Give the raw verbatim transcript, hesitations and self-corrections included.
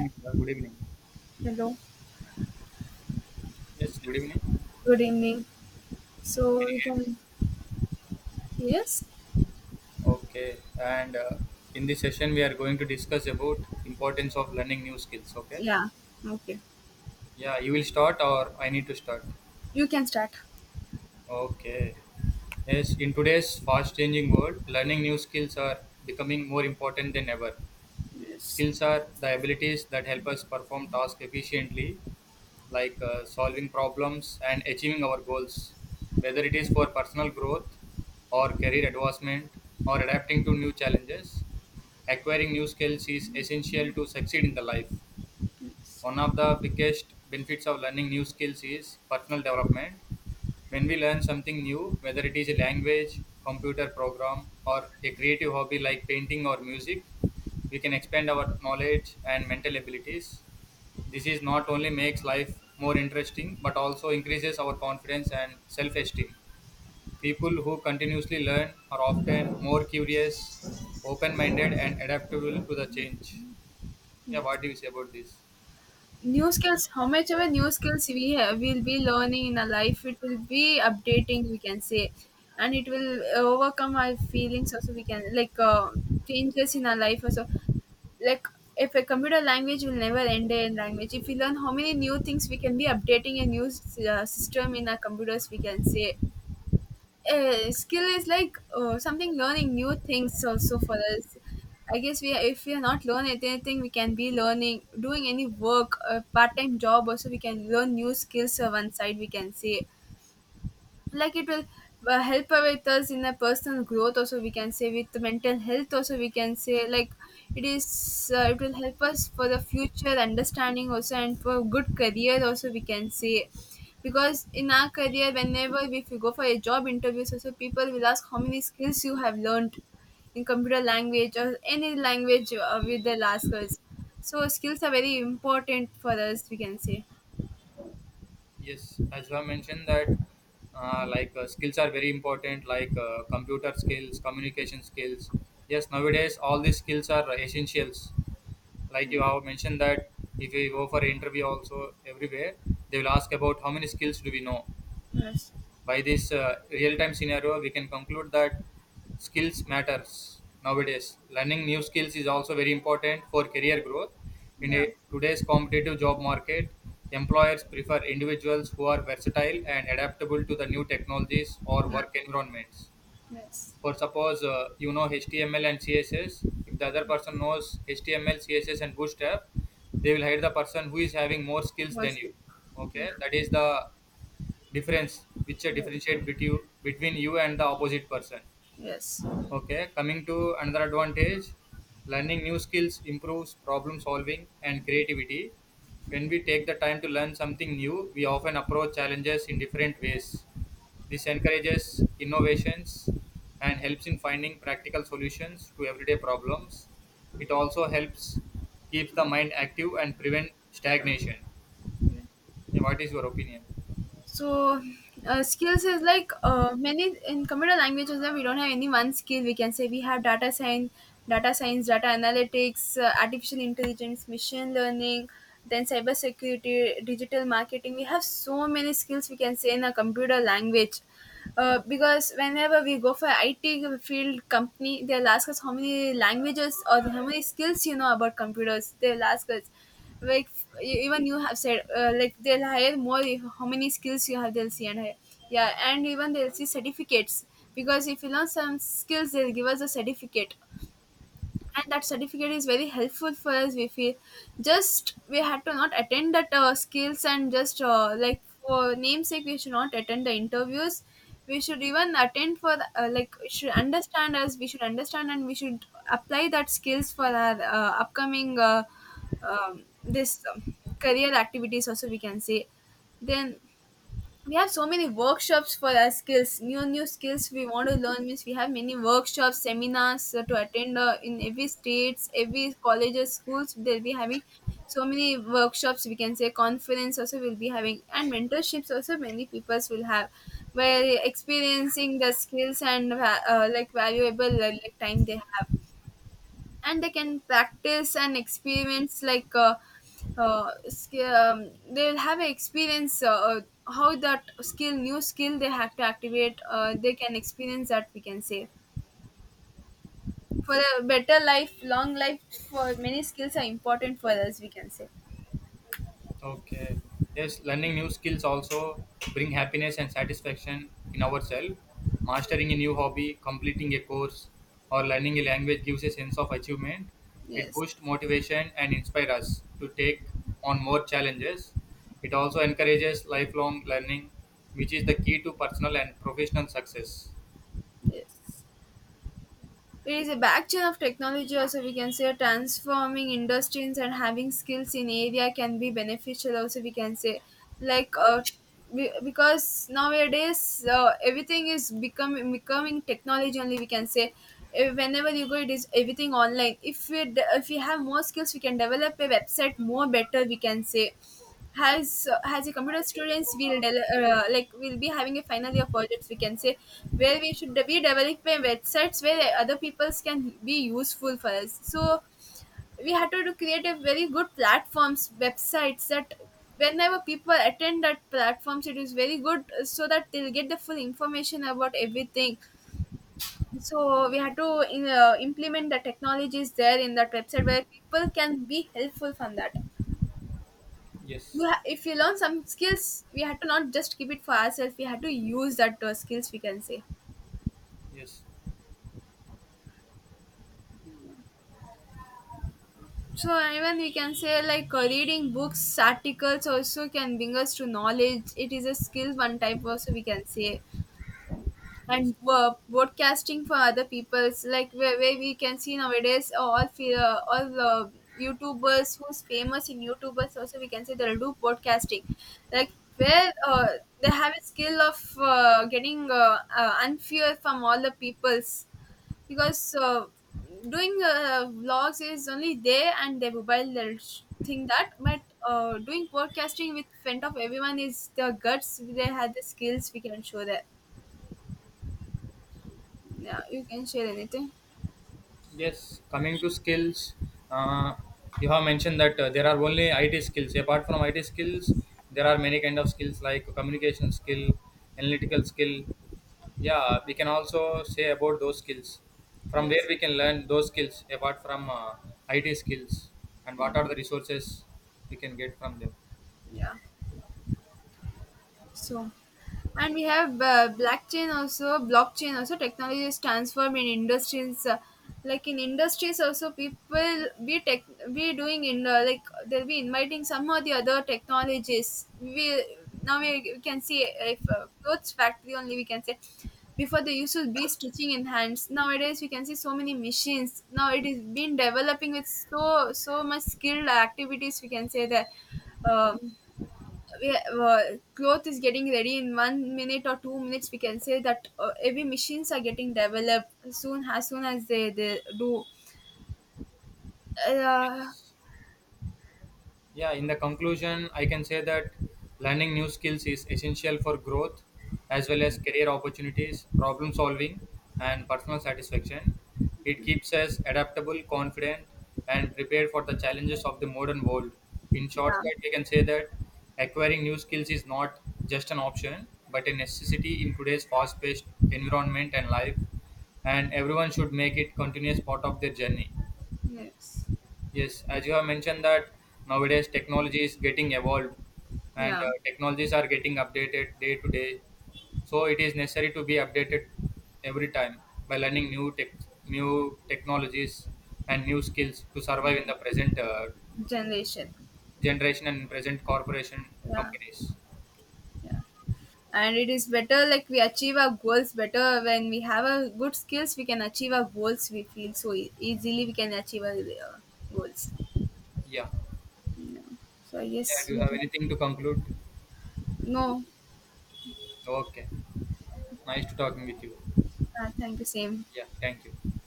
Good evening. Hello. Yes, good evening. Can Good evening. So you we hear me? can yes? Okay, and uh, in this session we are going to discuss about importance of learning new skills. Okay, Yeah, okay. yeah, you will start or I need to start. You can start. Okay, yes. In today's fast-changing world, learning new skills are becoming more important than ever. Yes, Skills are the abilities that help us perform tasks efficiently, like uh, solving problems and achieving our goals, whether it is for personal growth or career advancement or adapting to new challenges. Acquiring new skills is essential to succeed in the life. yes, One of the biggest benefits of learning new skills is personal development. When we learn something new, whether it is a language, computer program, or a creative hobby like painting or music, we can expand our knowledge and mental abilities. This is not only makes life more interesting but also increases our confidence and self-esteem. yes, People who continuously learn are often more curious, open-minded and adaptable to the change. Yeah, yes. what do you say about this? New skills, how much of a new skills we have, will be learning in our life, it will be updating, we can say, and it will uh, overcome our feelings also. We can like uh, changes in our life also. Like if a computer language will never end a language, if we learn how many new things we can be updating a new s- uh, system in our computers, we can say uh, skill is like uh, something learning new things also for us. I guess we if we are not learning anything we can be learning doing any work, a part-time job also we can learn new skills on one side we can say. Like it will uh, help with us in a personal growth also we can say, with the mental health also we can say. Like it is uh, it will help us for the future understanding also and for good career also we can say, because in our career whenever if you go for a job interviews also people will ask how many skills you have learned in computer language or any language uh, with the last words. So skills are very important for us we can say. Yes, as you have mentioned that uh, like uh, skills are very important, like uh, computer skills, communication skills. Yes, nowadays all these skills are essentials. Like you have mentioned that if you go for interview also everywhere, they will ask about how many skills do we know. Yes. By this uh, real-time scenario, we can conclude that skills matters nowadays. Learning new skills is also very important for career growth. In Yeah. a, today's competitive job market, employers prefer individuals who are versatile and adaptable to the new technologies or work environments. Yes. For suppose uh, you know H T M L and C S S, if the other person knows H T M L, C S S, and Bootstrap, they will hire the person who is having more skills than What's you. yeah. Okay, that is the difference which uh, Mm, differentiate between you, between you and the opposite person. yes. Okay, coming to another advantage, learning new skills improves problem solving and creativity. When we take the time to learn something new, we often approach challenges in different ways. This encourages innovations and helps in finding practical solutions to everyday problems. It also helps keep the mind active and prevent stagnation. Yeah. What is your opinion? So, uh, skills is like uh, many in computer languages that we don't have any one skill. We can say we have data science, data science, data analytics, uh, artificial intelligence, machine learning, then cyber security, digital marketing. We have so many skills we can say in a computer language. Uh, because whenever we go for I T field company, they'll ask us how many languages or how many skills you know about computers. They'll ask us, like f- e- even you have said, uh, like they'll hire more if, how many skills you have. They'll see and hire. Yeah, and even they'll see certificates, because if you learn some skills, they'll give us a certificate and that certificate is very helpful for us we feel. Just we had to not attend that uh, skills and just uh, like for namesake we should not attend the interviews. We should even attend for the, uh, like we should understand us, we should understand and we should apply that skills for our uh, upcoming uh, um, this um, career activities also we can say. Then we have so many workshops for our skills, new new skills we want to learn means we have many workshops, seminars uh, to attend uh, in every states, every colleges, schools they'll be having so many workshops we can say, conference also will be having, and mentorships also many peoples will have, where experiencing the skills and va- uh, like valuable uh, like time they have, and they can practice and experience like uh, uh, sk- um, they'll have an experience uh, uh, how that skill, new skill they have to activate, uh, they can experience that we can say, for a better life, long life. For many skills are important for us we can say. Okay. Yes, learning new skills also bring happiness and satisfaction in ourselves. Mastering a new hobby, completing a course, or learning a language gives a sense of achievement. It Yes. boosts motivation and inspires us to take on more challenges. It also encourages lifelong learning, which is the key to personal and professional success. Yes. It is a backchain of technology also we can say, transforming industries and having skills in area can be beneficial also we can say. Like uh, be- because nowadays uh, everything is becoming becoming technology only we can say. Eh, whenever you go it is everything online. If we de- if we have more skills we can develop a website more better we can say. Has uh, has a computer students will del- uh, like will be having a final year projects we can say, where we should be developing websites where other peoples can be useful for us. So we had to do create a very good platforms, websites, that whenever people attend that platforms it is very good, uh, so that they'll get the full information about everything. So we had to uh, implement the technologies there in that website where people can be helpful from that. you Yes, ha- If you learn some skills we had to not just keep it for ourselves, we had to use that uh, skills we can say. yes, So even we can say like uh, reading books, articles also can bring us to knowledge, it is a skill one type also we can say. yes. And were broadcasting for other people's, like where, where we can see nowadays all fe- uh, all uh, youtubers who's famous in youtubers also we can say, they'll do broadcasting, like where uh, they have a skill of uh, getting uh, uh, unfair from all the peoples, because uh, doing uh, vlogs is only they and their mobile, they'll sh- think that, but uh, doing podcasting with front of everyone is the guts, they had the skills we can show there. Yeah, you can share anything. Yes, coming to skills, uh, you have mentioned that uh, there are only I T skills. Apart from I T skills, there are many kind of skills like communication skill, analytical skill. Yeah, we can also say about those skills. From where Yes. we can learn those skills apart from uh, I T skills, and Yeah. what are the resources we can get from them? Yeah. So, and we have uh, blockchain also. Blockchain also technology is transformed in industries. Uh, like in industries also, people we tech we doing in uh, like they'll be inviting some or the other technologies. We now we we can see if uh, clothes factory only we can say, before they used to be stitching in hands, nowadays we can see so many machines, now it is been developing with so so much skilled activities we can say, that um, we, uh, cloth is getting ready in one minute or two minutes we can say, that uh, every machines are getting developed soon, as soon as they, they do uh, Yes. Yeah, in the conclusion, I can say that learning new skills is essential for growth as well as career opportunities, problem solving, and personal satisfaction. It keeps us adaptable, confident, and prepared for the challenges of the modern world. In yeah. shortcut, we can say that acquiring new skills is not just an option but a necessity in today's fast paced environment and life, and everyone should make it continuous part of their journey. Yes. Yes, as you have mentioned that nowadays technology is getting evolved and Yeah. uh, technologies are getting updated day to day. So it is necessary to be updated every time by learning new tech, new technologies and new skills to survive in the present uh, Generation. generation and present corporation Yeah. companies. Yeah, and it is better like we achieve our goals better when we have a good skills, we can achieve our goals we feel, so e- easily we can achieve our uh, goals, Yeah. you know. So Yeah. yes Do you we have can. anything to conclude? No. Okay. Nice to talking with you. Uh, thank you, same. Yeah. Thank you.